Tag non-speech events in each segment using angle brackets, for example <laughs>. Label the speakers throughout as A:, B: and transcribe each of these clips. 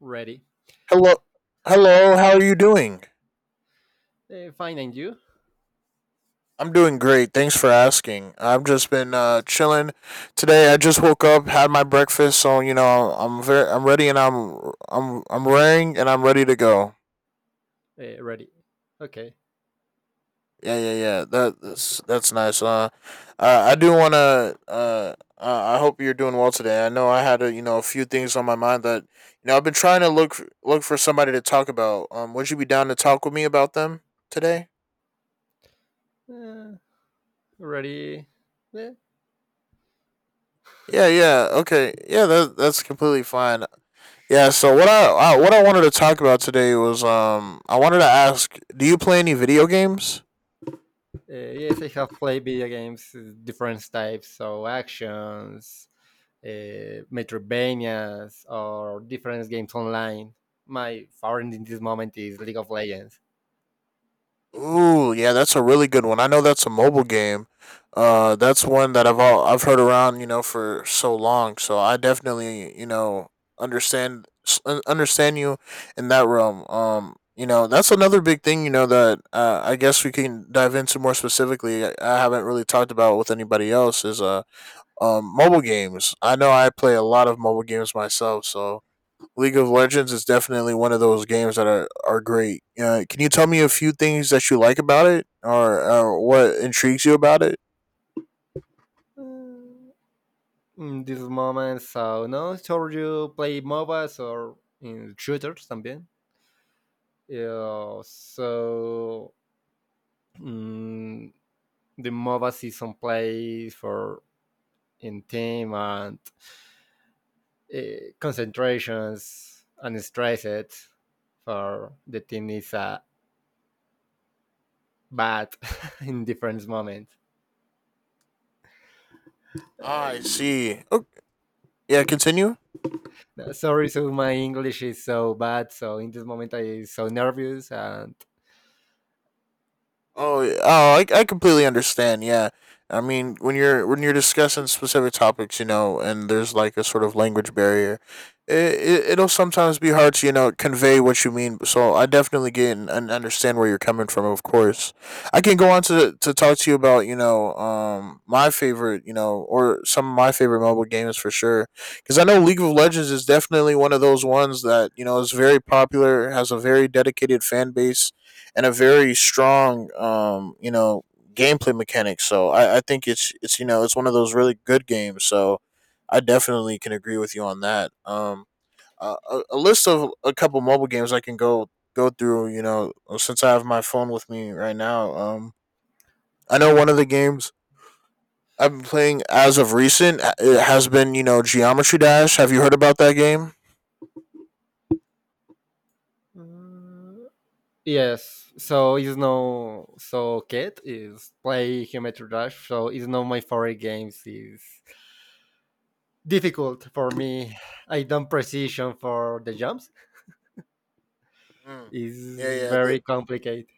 A: Ready.
B: Hello, hello. How are you doing?
A: Fine, and you?
B: I'm doing great. Thanks for asking. I've just been chilling today. I just woke up, had my breakfast, so I'm ready, and I'm raring, and I'm ready to go.
A: Ready. Okay.
B: Yeah, yeah, yeah. That's nice. I do want to. I hope you're doing well today. I know I had a few things on my mind that, I've been trying to look for somebody to talk about. Would you be down to talk with me about them today?
A: Uh, Ready. Uh,
B: Yeah, yeah, okay, yeah, that's completely fine. Yeah, so what I wanted to talk about today was I wanted to ask, do you play any video games?
A: yes, I have played video games, different types, so actions, Metroidvanias, or different games online. My favorite in this moment is League of Legends.
B: Ooh, yeah, that's a really good one. I know that's a mobile game. That's one that I've heard around for so long. So I definitely understand you in that realm. That's another big thing. You know that I guess we can dive into more specifically. I haven't really talked about with anybody else is mobile games. I know I play a lot of mobile games myself, so League of Legends is definitely one of those games that are great. Can you tell me a few things that you like about it or what intrigues you about it?
A: Uh, in this moment, so no, so you play MOBAs or in shooters también. Uh, so mm, the MOBA season plays for in team and uh, concentrations and stresses for the team is bad <laughs> in different moments.
B: Ah, I
A: Uh,
B: see. Oh, yeah, continue.
A: Sorry, so my English is so bad. So in this moment, I so nervous and
B: Oh, yeah. Oh, I completely understand. Yeah, I mean when you're discussing specific topics, and there's like a sort of language barrier, it'll sometimes be hard to convey what you mean. So I definitely get and understand where you're coming from. Of course, I can go on to talk to you about my favorite or some of my favorite mobile games for sure because I know League of Legends is definitely one of those ones that is very popular, has a very dedicated fan base and a very strong, gameplay mechanic. So I think it's you know it's one of those really good games. So I definitely can agree with you on that. A list of a couple mobile games I can go through. Since I have my phone with me right now. I know one of the games I've been playing as of recent. It has been Geometry Dash. Have you heard about that game?
A: yes. So it's no so cat is play Geometry Dash. So it's not my favorite games. Is difficult for me. I don't precision for the jumps.
B: Mm. Yeah,
A: Is
B: yeah. The
A: very complicated.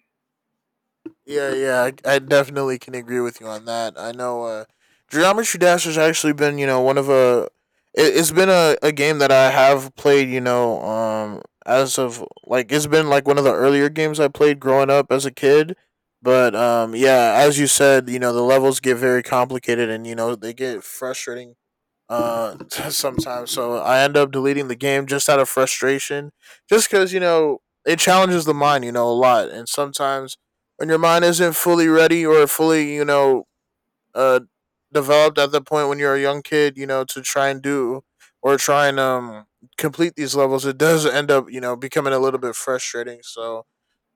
B: Yeah, yeah, I definitely can agree with you on that. I know Geometry Dash has actually been, you know, one of a. It's been a game that I have played, as of like it's been like one of the earlier games I played growing up as a kid. But yeah, as you said, the levels get very complicated, and they get frustrating <laughs> sometimes, so I end up deleting the game just out of frustration, just because it challenges the mind a lot, and sometimes when your mind isn't fully ready or fully uh developed at the point when you're a young kid to try and do or try and complete these levels, it does end up becoming a little bit frustrating. So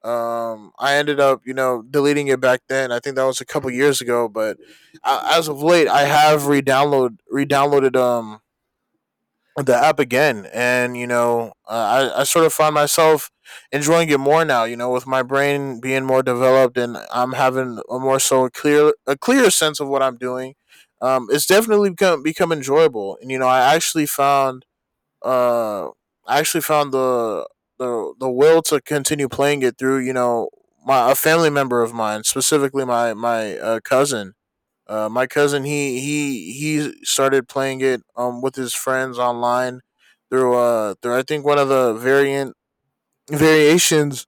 B: I ended up deleting it back then. I think that was a couple years ago, but as of late I have re-downloaded the app again, and you know I sort of find myself enjoying it more now, with my brain being more developed, and I'm having a more so a clear sense of what I'm doing. It's definitely become enjoyable, and uh I actually found the will to continue playing it through my a family member of mine, specifically my cousin. He started playing it with his friends online through, I think, one of the variant <laughs> variations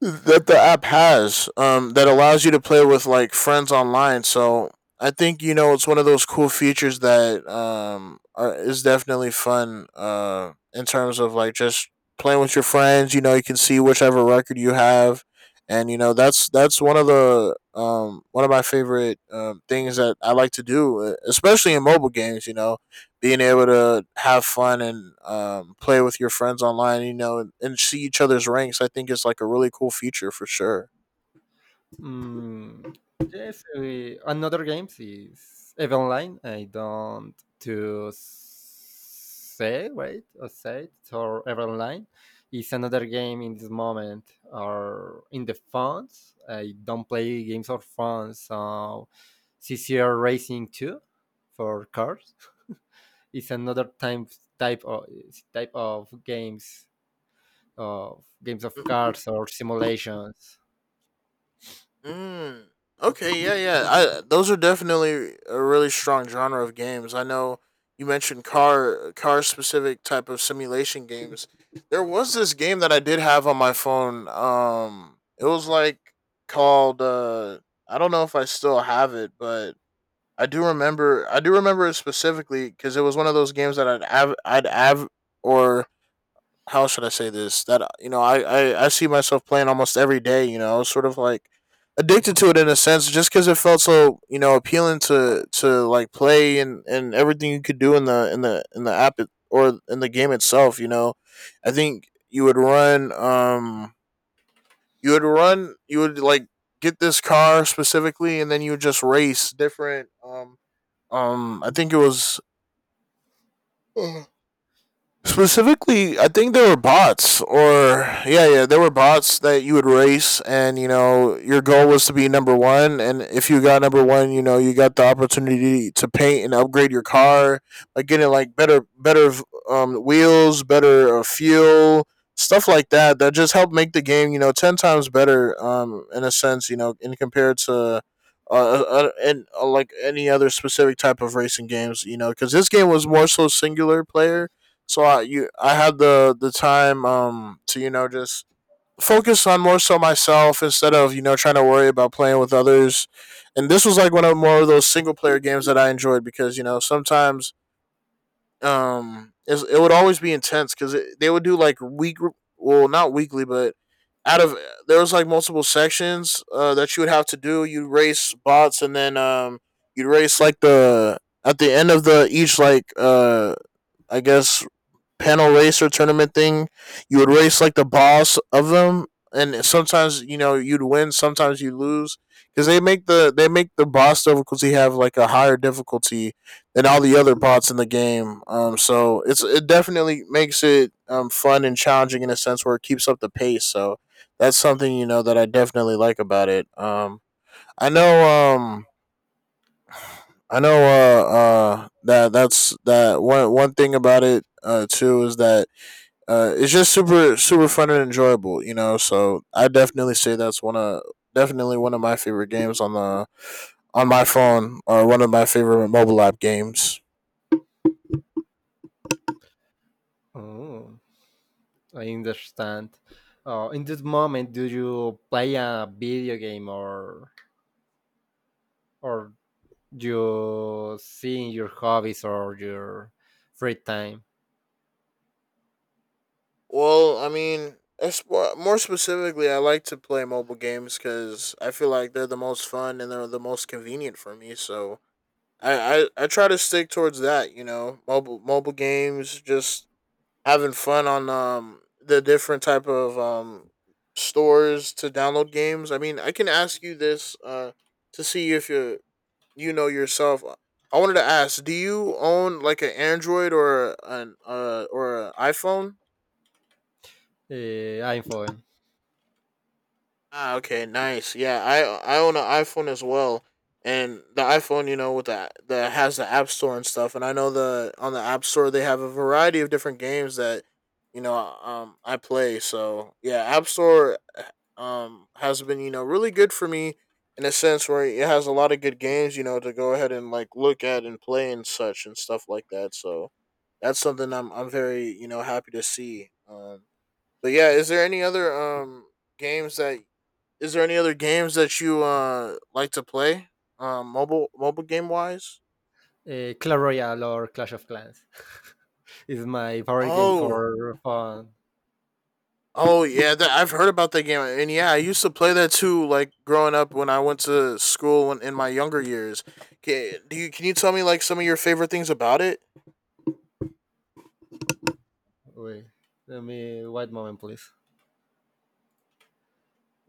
B: that the app has, that allows you to play with like friends online. So I think it's one of those cool features that is definitely fun in terms of like just playing with your friends. You can see whichever record you have, and that's one of the one of my favorite things that I like to do, especially in mobile games. Being able to have fun and play with your friends online, and see each other's ranks, I think, is like a really cool feature for sure.
A: Mm, yes, we, another games is Eve Online. I don't to say wait or say it or Eve Online is another game in this moment or in the phones. I don't play games on phones, so CCR Racing Two for cars is another type of type of games of cars or simulations.
B: Mm. Okay, yeah, yeah. I Those are definitely a really strong genre of games. I know you mentioned car specific type of simulation games. There was this game that I did have on my phone. It was like called, I don't know if I still have it, but I do remember it specifically, because it was one of those games that I'd av- or how should I say this? That you know, I see myself playing almost every day. I was sort of like addicted to it in a sense, just because it felt so appealing to like play and everything you could do in the app, or in the game itself. I think you would run you would run you would like get this car specifically, and then you would just race different, I think it was, <sighs> specifically, I think there were bots, or yeah, yeah, there were bots that you would race, and your goal was to be number one. And if you got number one, you got the opportunity to paint and upgrade your car, like getting like better wheels, better fuel, stuff like that, that just helped make the game, 10 times better. In a sense, in compared to and like any other specific type of racing games, you know, because this game was more so singular player, so I had the time to just focus on more so myself, instead of trying to worry about playing with others. And this was like one of more of those single player games that I enjoyed, because you know sometimes, it's, it would always be intense, because they would do like week, well, not weekly, but out of, there was like multiple sections, that you would have to do. You'd race bots, and then you'd race like the at the end of the each, I guess, panel race or tournament thing. You would race like the boss of them, and sometimes you'd win, sometimes you lose, because they make the boss difficulty have like a higher difficulty than all the other bots in the game. So it definitely makes it fun and challenging, in a sense where it keeps up the pace. So that's something that I definitely like about it. I know that that's that one thing about it, too, is that it's just super fun and enjoyable. So I definitely say that's one of definitely one of my favorite games on the on my phone, or one of my favorite mobile app games.
A: Oh, I understand. In this moment, do you play a video game or you seeing your hobbies or your free time?
B: Well, I mean, as more specifically, I like to play mobile games because I feel like they're the most fun and they're the most convenient for me. So I try to stick towards that. Mobile games, just having fun on the different type of stores to download games. I mean, I can ask you this to see if you you know yourself. I wanted to ask, do you own like an Android or an iPhone?
A: I'm fine.
B: Ah, okay, nice. Yeah, I own an iPhone as well, and the iPhone, with that has the App Store and stuff. And I know the App Store they have a variety of different games that I play. So yeah, App Store has been really good for me in a sense where it has a lot of good games to go ahead and like look at and play and such and stuff like that. So that's something I'm very happy to see. But yeah, is there any other games that is there any other games that you like to play? Mobile game wise?
A: Clash Royale or Clash of Clans <laughs> is my favorite game
B: Oh.
A: for fun.
B: Oh yeah, that I've heard about that game. And yeah, I used to play that too like growing up when I went to school when, in my younger years. Do you can you tell me like some of your favorite things about it?
A: Wait, let me wait moment, please.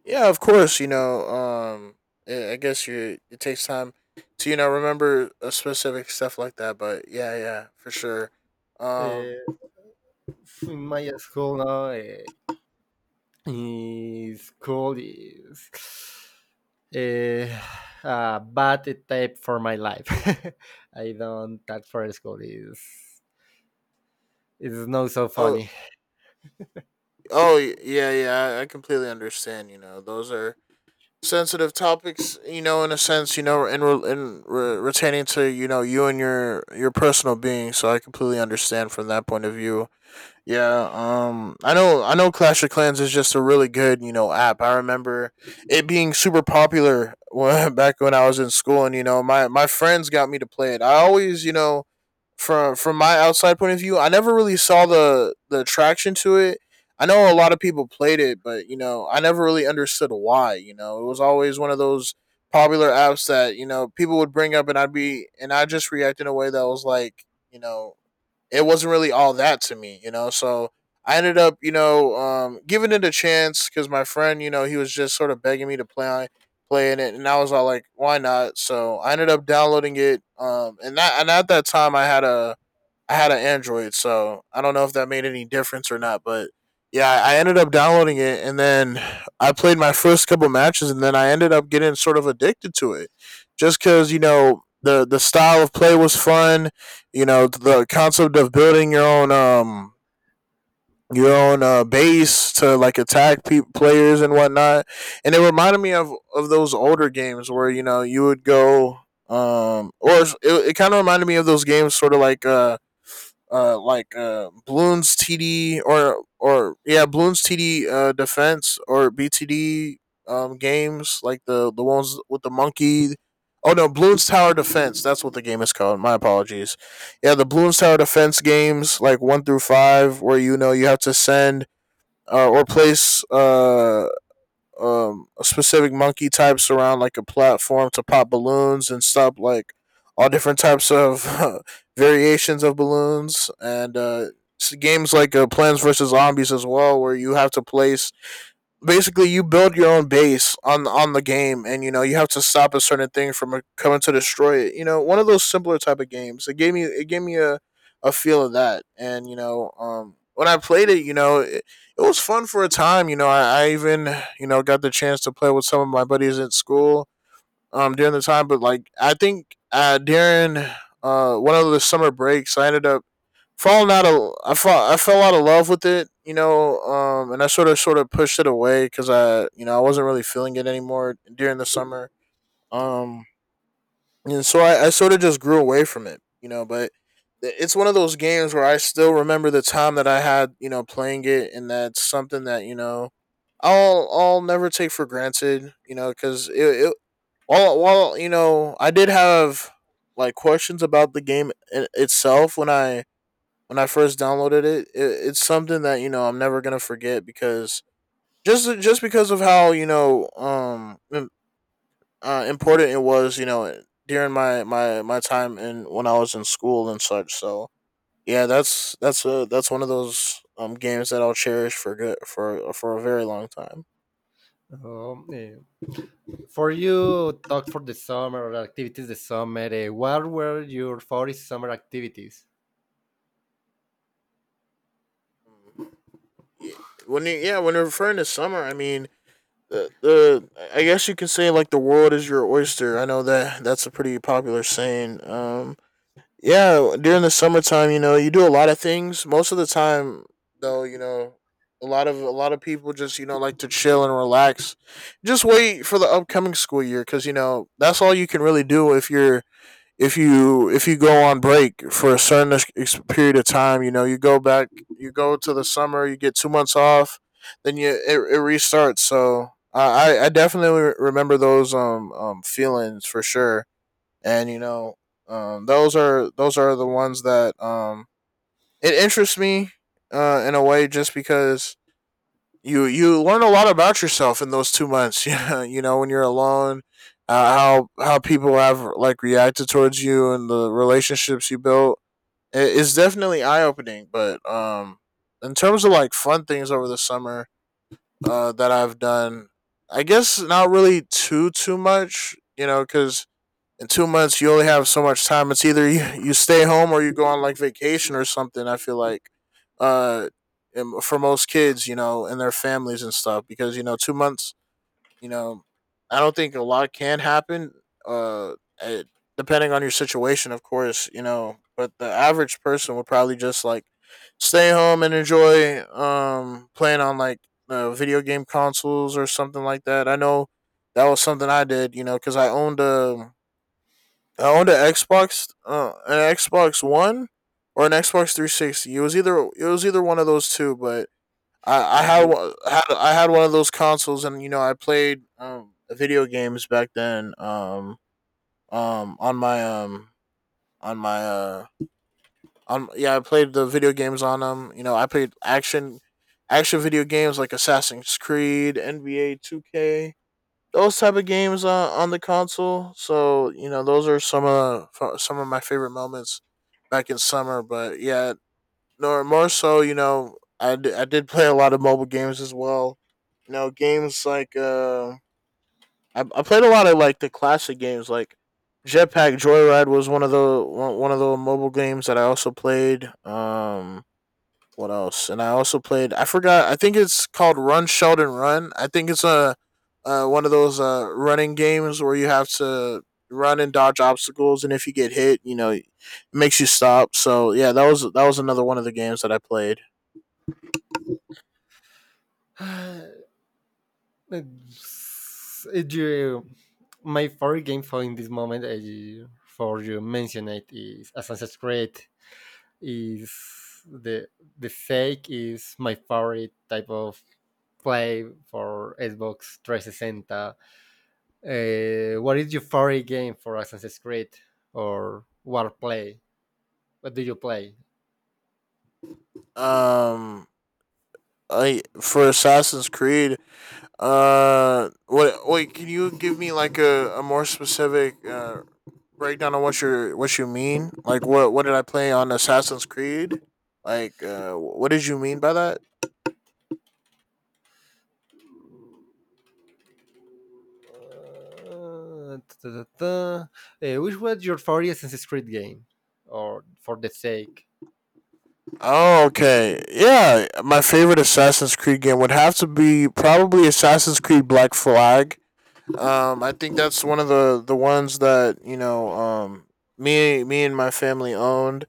B: Yeah, of course, you know, I guess you it takes time to remember a specific stuff like that, but yeah, yeah, for sure. Um
A: Uh, in my school now. Is called is eh, a bad tape for my life. <laughs> I don't that for school is not so
B: oh
A: funny.
B: Oh yeah, yeah. I completely understand. You know, those are sensitive topics. You know, in a sense, you know, retaining to you and your personal being. So I completely understand from that point of view. Yeah. I know. I know. Clash of Clans is just a really good app. I remember it being super popular when, <laughs> back when I was in school, and you know my friends got me to play it. I always from my outside point of view, I never really saw the attraction to it. I know a lot of people played it, but you know, I never really understood why. You know, it was always one of those popular apps that you know people would bring up, and I'd be and I just react in a way that was like, you know, it wasn't really all that to me. You know, so I ended up, you know, giving it a chance because my friend, you know, he was just sort of begging me to play in it, and I was all like, why not? So I ended up downloading it, and that and at that time I had an Android, so I don't know if that made any difference or not. But yeah, I ended up downloading it, and then I played my first couple matches, and then I ended up getting sort of addicted to it, just because you know the style of play was fun. You know the concept of building your own base to like attack players and whatnot, and it reminded me of those older games where you know you would go or it kind of reminded me of those games sort of like Bloons TD or yeah Bloons TD defense or BTD games like the ones with the monkey. Oh no, Bloons Tower Defense. That's what the game is called. My apologies. Yeah, the Bloons Tower Defense games like one through five, where you know you have to send or place specific monkey types around like a platform to pop balloons and stop like all different types of <laughs> variations of balloons and games like Plants vs Zombies as well, where you have to place basically you build your own base on the game and you know you have to stop a certain thing from coming to destroy it. You know, one of those simpler type of games. It gave me it gave me a feel of that. And you know when I played it, you know it, it was fun for a time. You know I even you know got the chance to play with some of my buddies at school during the time. But like I think during one of the summer breaks I ended up fallen out of I fall I fell out of love with it, you know, and I sort of pushed it away because I you know I wasn't really feeling it anymore during the summer, um, and so I sort of just grew away from it, you know. But it's one of those games where I still remember the time that I had you know playing it, and that's something that you know I'll never take for granted, you know, because it while you know I did have like questions about the game itself when I first downloaded it, it it's something that you know I'm never gonna forget because just because of how you know important it was you know during my time and when I was in school and such. So yeah, that's one of those games that I'll cherish for good for a very long time.
A: Um, eh, for you, talk for the summer or activities the summer. What were your favorite summer activities?
B: Yeah, when referring to summer, I mean the I guess you can say like the world is your oyster. I know that that's a pretty popular saying. Yeah, during the summertime, you know, you do a lot of things. Most of the time, though, you know, a lot of people just you know like to chill and relax. Just wait for the upcoming school year because you know that's all you can really do if you go on break for a certain period of time, you know, you go back, you go to the summer, you get 2 months off, then it restarts. So I definitely remember those feelings for sure, and you know those are the ones that it interests me in a way just because you learn a lot about yourself in those 2 months. <laughs> Yeah, you know when you're alone, how people have like reacted towards you and the relationships you built. It's definitely eye opening. But in terms of like fun things over the summer that I've done, I guess not really too much. You know, because in 2 months you only have so much time. It's either you stay home or you go on like vacation or something. I feel like, uh, for most kids, you know, and their families and stuff, because you know, 2 months, you know, I don't think a lot can happen. Uh, eh, depending on your situation, of course, you know, but the average person would probably just like stay home and enjoy playing on like video game consoles or something like that. I know that was something I did, you know, because I owned an Xbox One or an Xbox 360. It was either one of those two, but
A: Do-
B: I had one of those consoles, and you know I played video games back then. On my on my on yeah, I played the video games on them. You know, I played action video games like Assassin's Creed, NBA 2K, those type of games on the console. So you know, those are some of my favorite moments back in summer. But yeah, nor more so, you know, I did play a lot of mobile games as well. You know, games like I played a lot of like the classic games like Jetpack Joyride was one of the mobile games that I also played. What else? And I also played. I forgot. I think it's called Run Sheldon Run. I think it's a one of those running games where you have to run and dodge obstacles, and if you get hit, you know, it makes you stop. So yeah, that was another one of the games that I played.
A: <sighs> Did you, my favorite game for in this moment for you mention it is Assassin's Creed. Is the fake is my favorite type of play for Xbox 360. What is your favorite game for Assassin's Creed or what play? What do you play?
B: Um, I for Assassin's Creed. What? Wait, can you give me like a more specific breakdown on what you mean. Like what did I play on Assassin's Creed? Like what did you mean by that?
A: Uh, which was your favorite Assassin's Creed game, or for the sake?
B: Oh, okay. Yeah, my favorite Assassin's Creed game would have to be probably Assassin's Creed Black Flag. I think that's one of the ones that you know me and my family owned,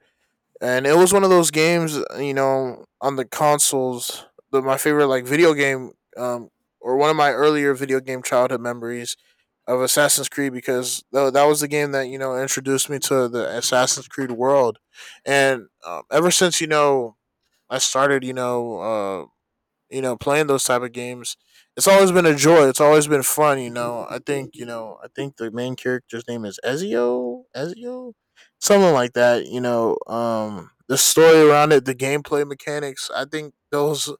B: and it was one of those games you know on the consoles, the my favorite like video game um or one of my earlier video game childhood memories of Assassin's Creed, because that was the game that you know introduced me to the Assassin's Creed world. And ever since you know I started you know, playing those type of games. It's always been a joy. It's always been fun, you know. I think, you know, I think the main character's name is Ezio, something like that, you know. The story around it, the gameplay mechanics, I think those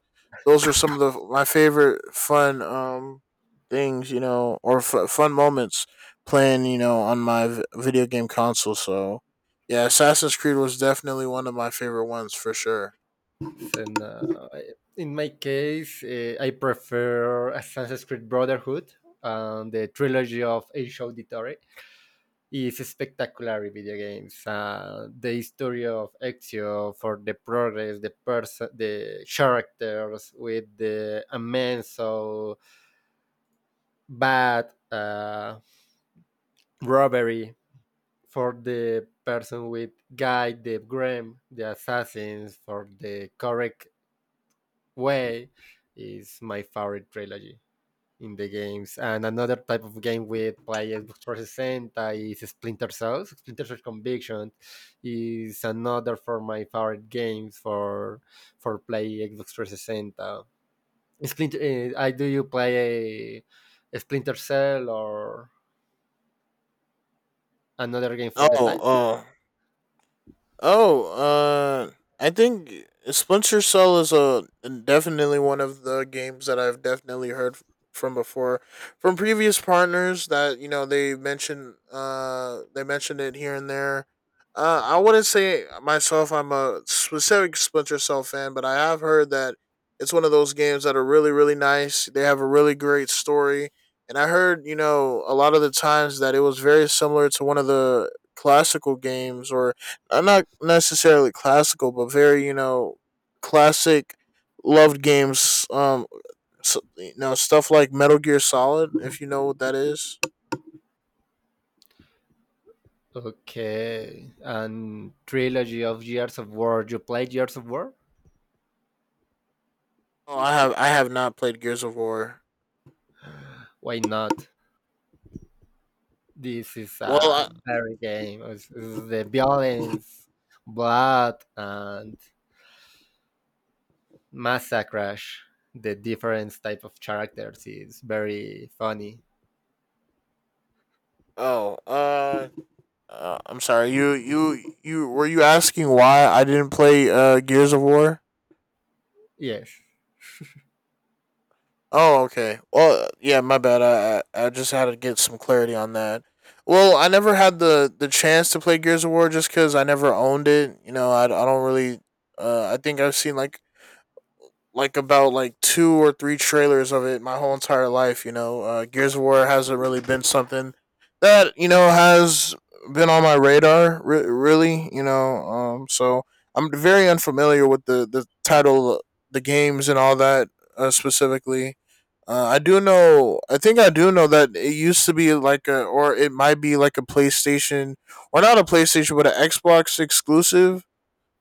B: those are some of the my favorite fun things, you know, or fun moments playing, you know, on my video game console, so yeah, Assassin's Creed was definitely one of my favorite ones for sure.
A: And in my case, I prefer Assassin's Creed Brotherhood, and the trilogy of Age of is spectacular in video games. The history of Ezio for the progress, the person, the characters with the immense so bad robbery for the person with guy the Graham, the assassins for the correct way is my favorite trilogy in the games. And another type of game we play Xbox 360 is Splinter Cell. Splinter Cell Conviction is another for my favorite games for play Xbox 360. Splinter, I do you play a Splinter Cell or another game for
B: Oh,
A: the type?
B: oh, Oh, I think Splinter Cell is a definitely one of the games that I've definitely heard from before, from previous partners that you know they mentioned. They mentioned it here and there. I wouldn't say myself I'm a specific Splinter Cell fan, but I have heard that it's one of those games that are really really nice. They have a really great story, and I heard you know a lot of the times that it was very similar to one of the classical games or not necessarily classical, but very you know classic loved games. So, you know stuff like Metal Gear Solid, if you know what that is.
A: Okay, and trilogy of Years of War. You play Years of War?
B: Oh, I have not played Gears of War.
A: Why not? This is
B: Well, I,
A: a very game. It's the violence, blood, and massacre. The different type of characters is very funny.
B: oh, uh, I'm sorry. You were you asking why I didn't play Gears of War?
A: Yes.
B: Oh, okay. Well, yeah, my bad. I just had to get some clarity on that. Well, I never had the chance to play Gears of War just because I never owned it. You know, I don't really. I think I've seen like about like two or three trailers of it my whole entire life. You know, Gears of War hasn't really been something that you know has been on my radar really. You know, so I'm very unfamiliar with the title, the games, and all that specifically. I do know. I think I do know that it used to be like or it might be like a PlayStation, or not a PlayStation, but an Xbox exclusive.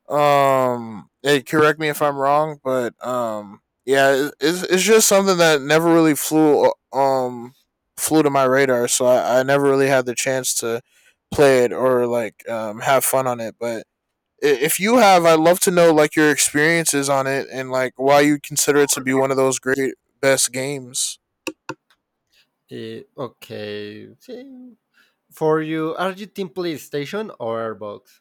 B: Hey, correct me if I'm wrong, but yeah, it's just something that never really flew to my radar, so I never really had the chance to play it or like have fun on it. But if you have, I'd love to know like your experiences on it and like why you consider it to be one of those great best games.
A: Okay. See, for you, are you team PlayStation or Xbox?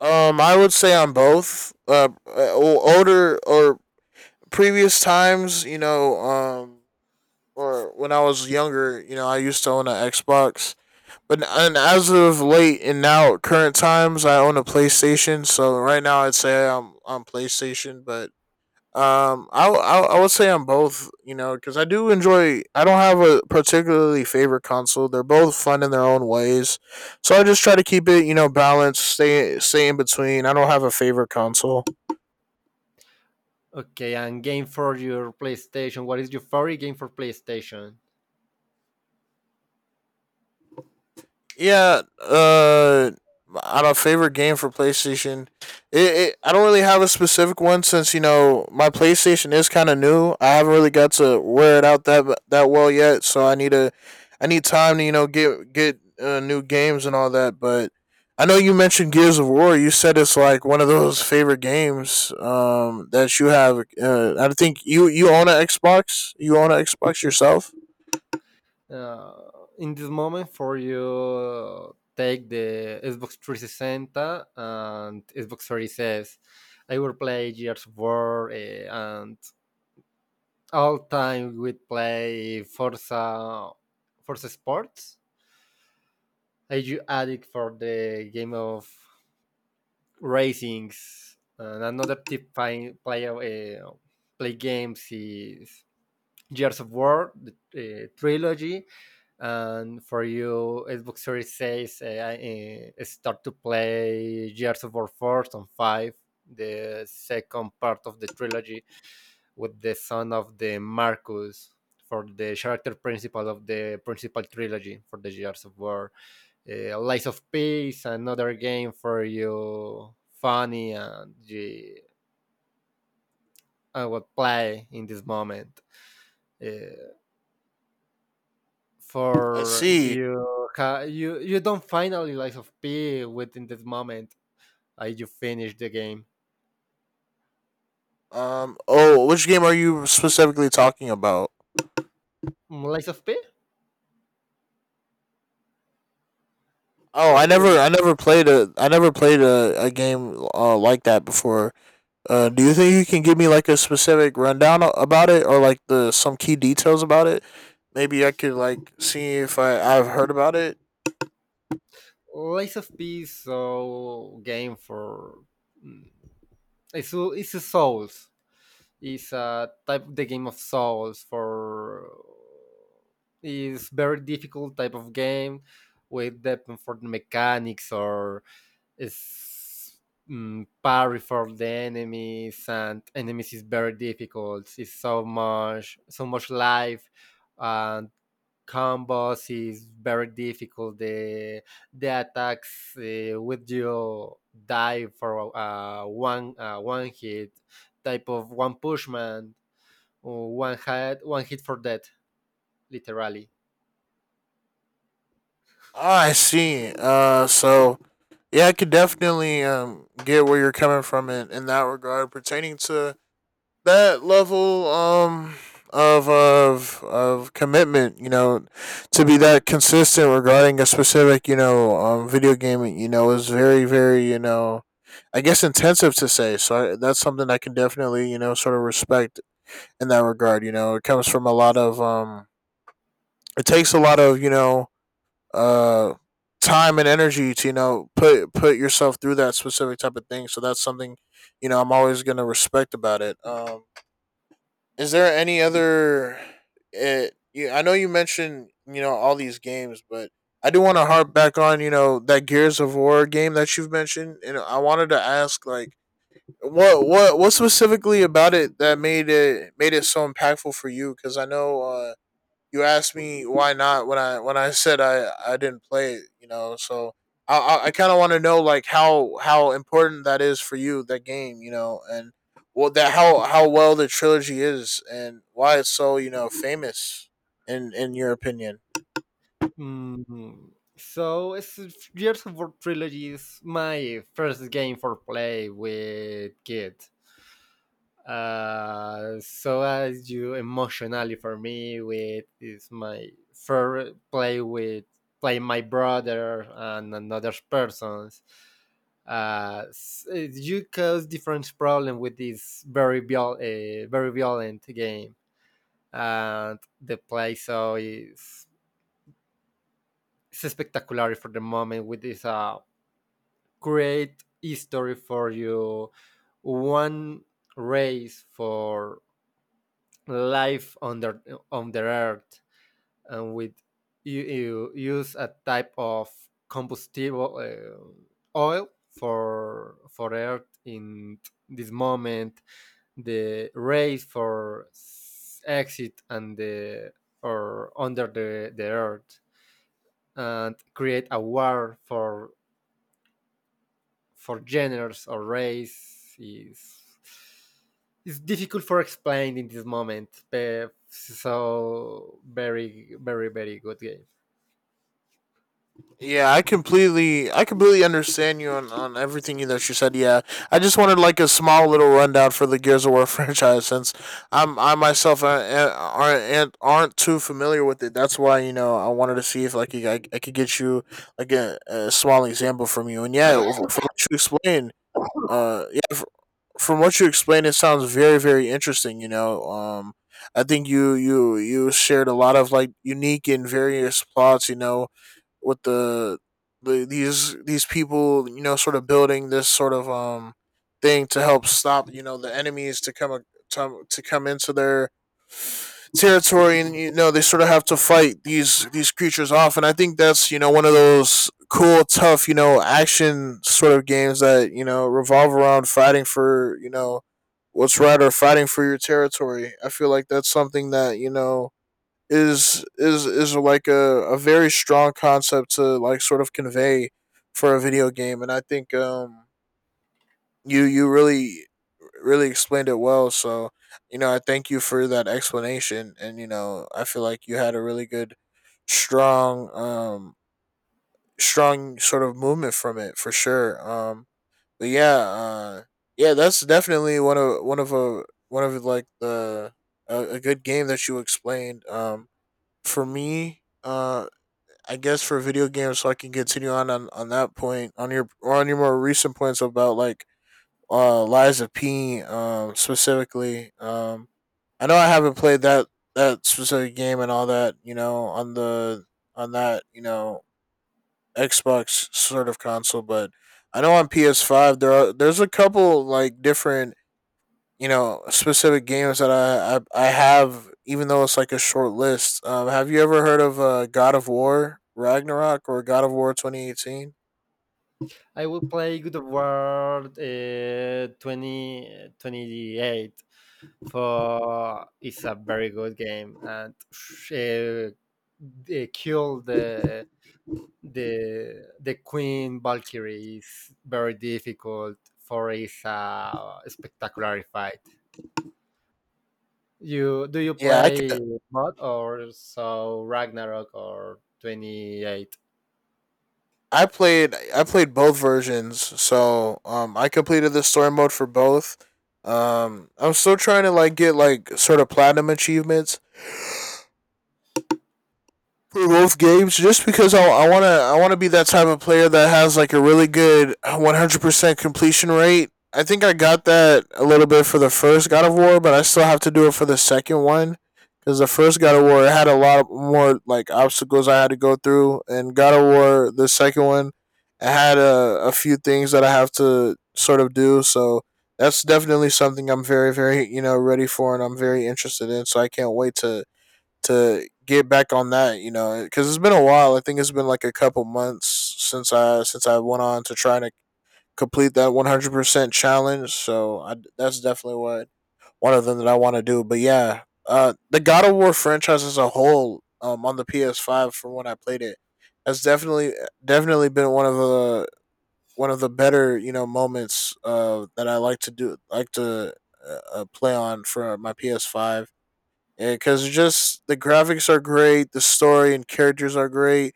B: I would say on both. Older or previous times, you know, or when I was younger, you know, I used to own an Xbox. But and as of late and now current times, I own a PlayStation. So right now, I'd say I'm on PlayStation, but I would say I'm both. You know, because I do enjoy. I don't have a particularly favorite console. They're both fun in their own ways. So I just try to keep it, you know, balanced. Stay in between. I don't have a favorite console.
A: Okay, and game for your PlayStation. What is your favorite game for PlayStation?
B: Yeah, on a favorite game for PlayStation, it I don't really have a specific one since you know my PlayStation is kind of new. I haven't really got to wear it out that well yet, so I need time to you know get new games and all that. But I know you mentioned Gears of War. You said it's like one of those favorite games that you have. I think you own an Xbox. You own an Xbox yourself.
A: uh, in this moment for you take the Xbox 360 and Xbox Series S. I would play Gears of War, and all time we'd play Forza Sports. I you addict for the game of racings, and another tip I play play games is Gears of War, the trilogy. And for you, Xbox Series 6, start to play Gears of War 4 and 5, the second part of the trilogy with the son of the Marcus for the character principal of the principal trilogy for the Gears of War. Lies of Peace, another game for you, funny and you, I would play in this moment. Uh,
B: I
A: for
B: see.
A: you you don't find a Lies of P within this moment, you finish the game.
B: Oh, which game are you specifically talking about?
A: Mm, Lies of P?
B: Oh,
A: Yeah,
B: I never played a game like that before. Do you think you can give me like a specific rundown about it, or like the some key details about it? Maybe I could like see if I've heard about it.
A: Lies of P is so game for mm, it's a Souls. It's a type the game of Souls for is very difficult type of game with depth for the mechanics or is mm, parry for the enemies, and enemies is very difficult, it's so much life, and combos is very difficult, the attacks with you die for one hit type of one pushman, or one hit for death literally.
B: Ah, I see. So yeah, I could definitely get where you're coming from in that regard pertaining to that level of of commitment, you know, to be that consistent regarding a specific, you know, video game, you know, is very very, you know, I guess intensive to say. That's something I can definitely, you know, sort of respect in that regard. You know, it comes from a lot of It takes a lot of you know uh time and energy to you know put yourself through that specific type of thing. So that's something you know I'm always gonna respect about it. Is there any other? I know you mentioned you know all these games, but I do want to harp back on you know that Gears of War game that you've mentioned, and I wanted to ask like what specifically about it that made it so impactful for you? Because I know you asked me why not when I said I didn't play it, you know. So I kind of want to know like how important that is for you that game, you know, and well that how well the trilogy is and why it's so you know famous in your opinion.
A: Mm, so it's Gears of War trilogy is my first game for play with kids. So as you emotionally for me with is my first play with play my brother and another persons. Uh, s- you cause different problem with this very violent game, and the play so is it's spectacular for the moment with this great history for you, one race for life on the earth, and with you use a type of combustible oil for earth in this moment, the race for exit and the or under the earth, and create a war for genders or race is difficult for explained in this moment. So very very very good game.
B: Yeah, I completely understand you on everything that you said. Yeah, I just wanted like a small little rundown for the Gears of War <laughs> franchise since I'm I myself aren't too familiar with it. That's why you know I wanted to see if like I could get you like a small example from you. And yeah, uh, yeah, f- from what you explained, it sounds very very interesting. You know, I think you shared a lot of like unique and various plots. You know with the these people, you know, sort of building this sort of thing to help stop, you know, the enemies to come to come into their territory, and you know they sort of have to fight these creatures off, and I think that's, you know, one of those cool tough, you know, action sort of games that, you know, revolve around fighting for, you know, what's right or fighting for your territory. I feel like that's something that, you know, is like a very strong concept to like sort of convey for a video game, and I think you really really explained it well, so you know I thank you for that explanation, and you know I feel like you had a really good strong strong sort of movement from it for sure. But yeah, yeah, that's definitely one of a one of like a good game that you explained for me, I guess for video games, so I can continue on, on that point on your or on your more recent points about like Lies of P specifically. I know I haven't played that specific game and all that you know on the on that you know Xbox sort of console, but I know on PS5 there are there's a couple like different you know specific games that I have, even though it's like a short list. Have you ever heard of God of War Ragnarok or God of War 2018?
A: I will play Good of War 28. For it's a very good game, and they kill the the queen valkyrie is very difficult for is a spectacular fight. You Do you
B: Yeah, I could,
A: play mod or so Ragnarok or 28?
B: I played both versions, so I completed the story mode for both. I'm still trying to like get like sort of platinum achievements for both games just because I wanna be that type of player that has like a really good 100% completion rate. I think I got that a little bit for the first God of War, but I still have to do it for the second one, because the first God of War had a lot of more like obstacles I had to go through, and God of War the second one, it had a few things that I have to sort of do. So that's definitely something I'm very very you know ready for, and I'm very interested in. So I can't wait to get back on that, you know, because it's been a while. I think it's been like a couple months since I went on to try to complete that 100% challenge. That's definitely what one of them that I want to do. But yeah, the God of War franchise as a whole, on the PS5 from when I played it, has definitely been one of the better you know moments that I like to do, like to play on for my PS5, and because just the graphics are great, the story and characters are great.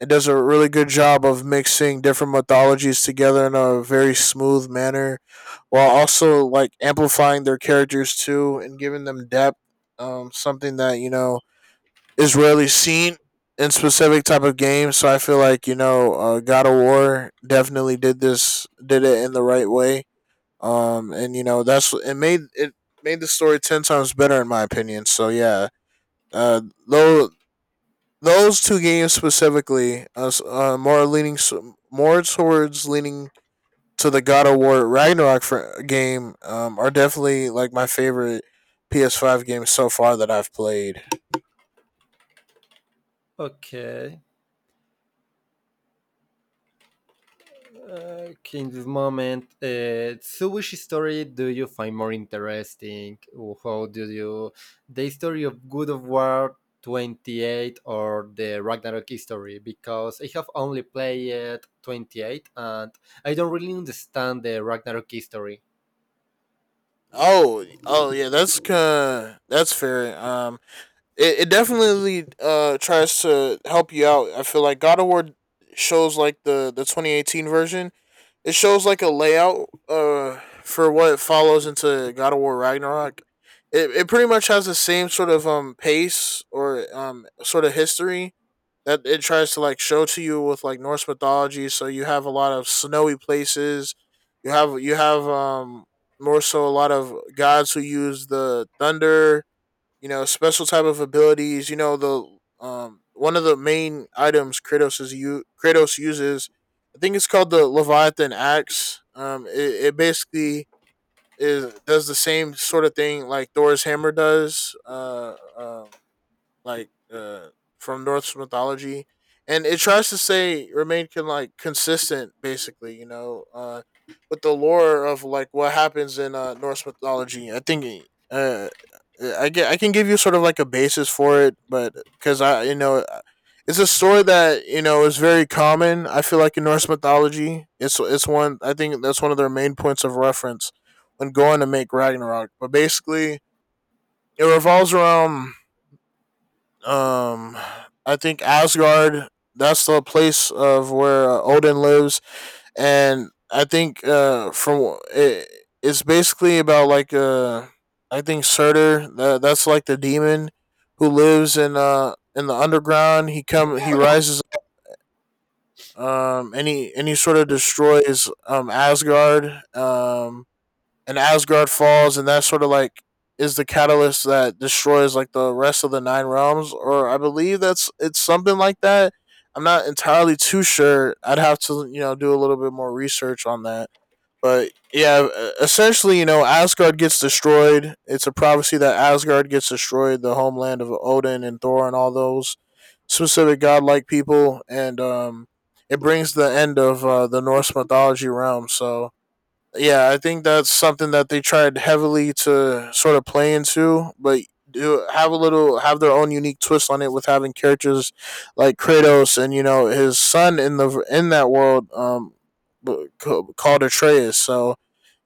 B: It does a really good job of mixing different mythologies together in a very smooth manner, while also like amplifying their characters too and giving them depth. Something that is rarely seen in specific type of games. So I feel like God of War definitely did this, did it in the right way. And you know that's it made the story ten times better in my opinion. So yeah, uh, though those two games specifically, more towards leaning to the God of War Ragnarok game, are definitely like my favorite PS5 games so far that I've played.
A: Okay. In this moment, so which story do you find more interesting? How do you the story of Good of War 28 or the Ragnarok history? Because I have only played 28 and I don't really understand the Ragnarok history.
B: Oh, yeah, that's fair. It definitely tries to help you out. I feel like God of War shows like the 2018 version. It shows like a layout for what follows into God of War Ragnarok. It pretty much has the same sort of pace or sort of history that it tries to like show to you with like Norse mythology. So you have a lot of snowy places. You have more so a lot of gods who use the thunder, special type of abilities. You know, the one of the main items Kratos is, u- Kratos uses. I think it's called the Leviathan axe. It basically is does the same sort of thing like Thor's hammer does. Like from Norse mythology, and it tries to say remain can like consistent basically, with the lore of like what happens in Norse mythology. I think uh I can give you sort of like a basis for it, but because I you know it's a story that is very common. I feel like in Norse mythology, it's one I think that's one of their main points of reference when going to make Ragnarok. But basically, it revolves around, um, I think Asgard. That's the place of where Odin lives, and I think from it, it's basically about like I think Surtur. That's like the demon who lives in the underground. He rises and he sort of destroys Asgard, and Asgard falls, and that sort of like is the catalyst that destroys like the rest of the nine realms, or I believe that's it's something like that. I'm not entirely too sure. I'd have to do a little bit more research on that, but yeah, essentially Asgard gets destroyed. It's a prophecy that Asgard gets destroyed, the homeland of Odin and Thor and all those specific godlike people, and it brings the end of the Norse mythology realm. So yeah, I think that's something that they tried heavily to sort of play into, but do have a little have their own unique twist on it with having characters like Kratos and you know his son in the in that world, called Atreus. So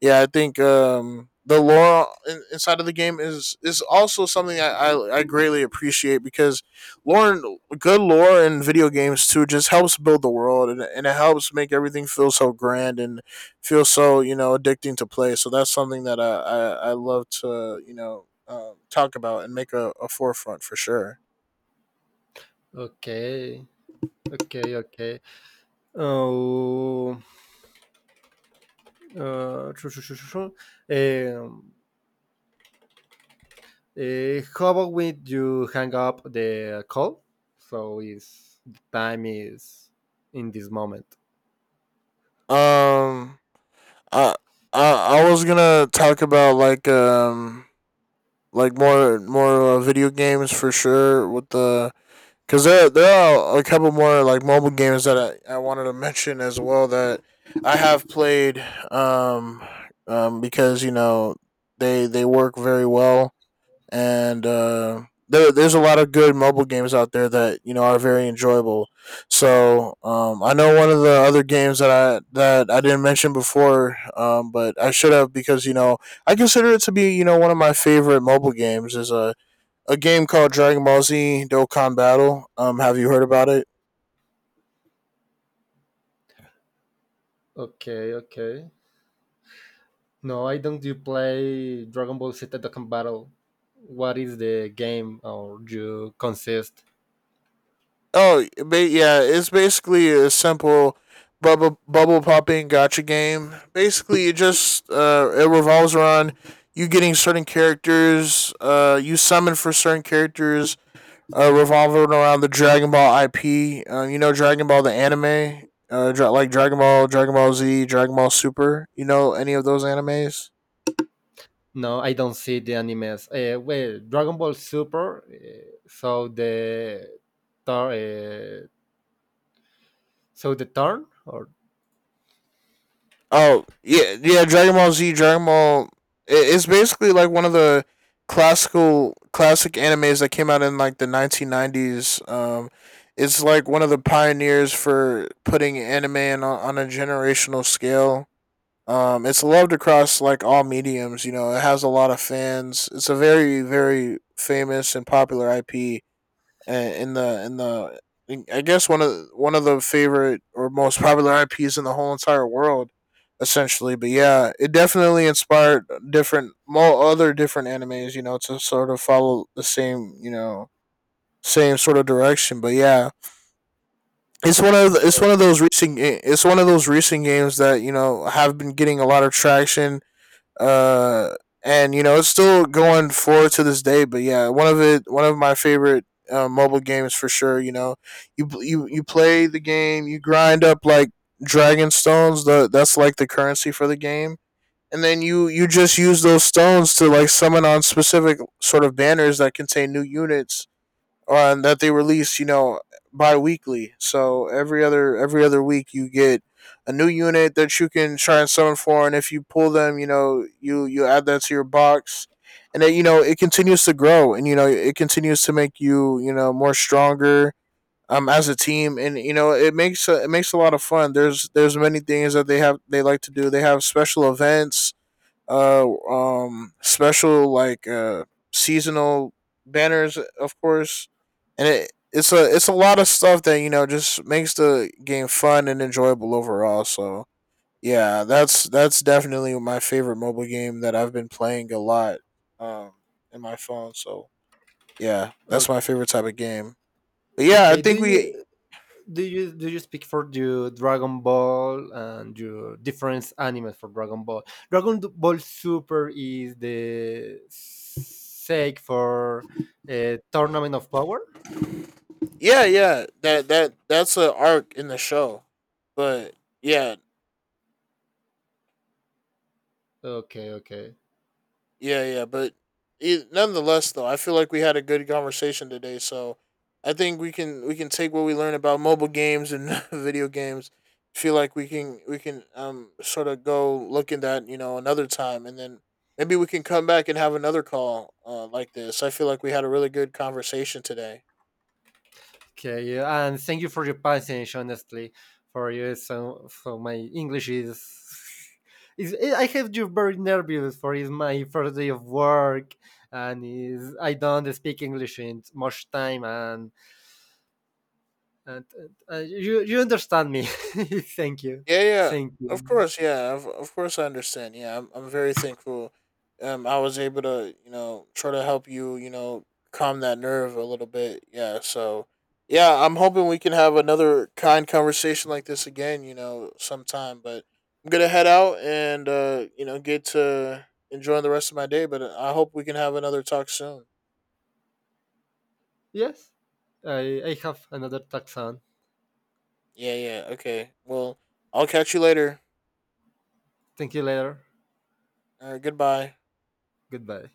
B: yeah, I think the lore inside of the game is also something I greatly appreciate, because lore good lore in video games too just helps build the world, and it helps make everything feel so grand and feels so addicting to play. So that's something that I love to talk about and make a forefront for sure.
A: Okay. Okay, okay. Oh, Uh, shoo, shoo, shoo, shoo, Um, how about we do hang up the call? So is the time is in this moment.
B: Um, I I was gonna talk about like more video games for sure with the because there are a couple more like mobile games that I wanted to <laughs> mention as well that I have played, um because they work very well, and there's a lot of good mobile games out there that are very enjoyable. So I know one of the other games that I didn't mention before, but I should have, because I consider it to be one of my favorite mobile games is a game called Dragon Ball Z Dokkan Battle. Have you heard about it?
A: Okay, okay. No, I don't. You play Dragon Ball Z Dokkan Battle. What is the game or you consist?
B: Yeah, it's basically a simple bubble popping gotcha game. Basically, it just it revolves around you getting certain characters, you summon for certain characters, revolving around the Dragon Ball IP. Dragon Ball the anime, like Dragon Ball, Dragon Ball Z, Dragon Ball Super. You know any of those animes?
A: No, I don't see the animes. Well, Dragon Ball Super. So the turn. So the turn or.
B: Oh yeah, yeah. Dragon Ball Z, Dragon Ball. It's basically like one of the classic animes that came out in like the 1990s. It's like one of the pioneers for putting anime on a generational scale. It's loved across like all mediums. You know, it has a lot of fans. It's a very very famous and popular IP, and in the I guess one of the favorite or most popular IPs in the whole entire world, essentially. But yeah, it definitely inspired different more other different animes, you know, to sort of follow the same you know same sort of direction. But yeah, it's one of the, it's
A: So,
B: one of those recent it's one of those recent games that have been getting a lot of traction, uh, and it's still going forward to this day. But yeah, one of my favorite mobile games for sure. You know, you play the game, you grind up like dragon stones. The That's like the currency for the game. And then you just use those stones to like summon on specific sort of banners that contain new units, that they release, you know, bi-weekly. So every other week you get a new unit that you can try and summon for, and if you pull them, you know, you add that to your box, and then it continues to grow, and it continues to make you you know more stronger as a team, and it makes a lot of fun. There's many things that they like to do. They have special events, special like seasonal banners, of course, and it's a lot of stuff that just makes the game fun and enjoyable overall, so yeah, that's definitely my favorite mobile game that I've been playing a lot, um in my phone, so yeah, that's
A: okay.
B: my favorite type of game. But yeah, I
A: Okay,
B: think we.
A: do you speak for the Dragon Ball and your different anime for Dragon Ball? Dragon Ball Super is the sake for Tournament of Power.
B: Yeah, yeah, that's an arc in the show, but yeah.
A: Okay, okay,
B: Yeah, yeah, but e nonetheless, though, I feel like we had a good conversation today. So I think we can take what we learned about mobile games and <laughs> video games. Feel like we can sort of go look in that, another time, and then maybe we can come back and have another call, like this. I feel like we had a really good conversation today.
A: okay. Yeah, and thank you for your patience, honestly, for you. So my English is. <laughs> Is, I have you very nervous for is my first day of work, and is I don't speak English in much time, and you understand me. <laughs> Thank you.
B: Yeah, yeah,
A: Thank
B: of
A: you.
B: course, yeah, of course, I understand. Yeah, I'm very thankful. I was able to try to help you calm that nerve a little bit. Yeah, so yeah, I'm hoping we can have another kind conversation like this again, sometime. But I'm gonna head out and get to enjoying the rest of my day. But I hope we can have another talk soon.
A: Yes, I have another taxon.
B: Yeah, yeah, okay. Well, I'll catch you later.
A: Thank you later.
B: All right, goodbye.
A: Goodbye.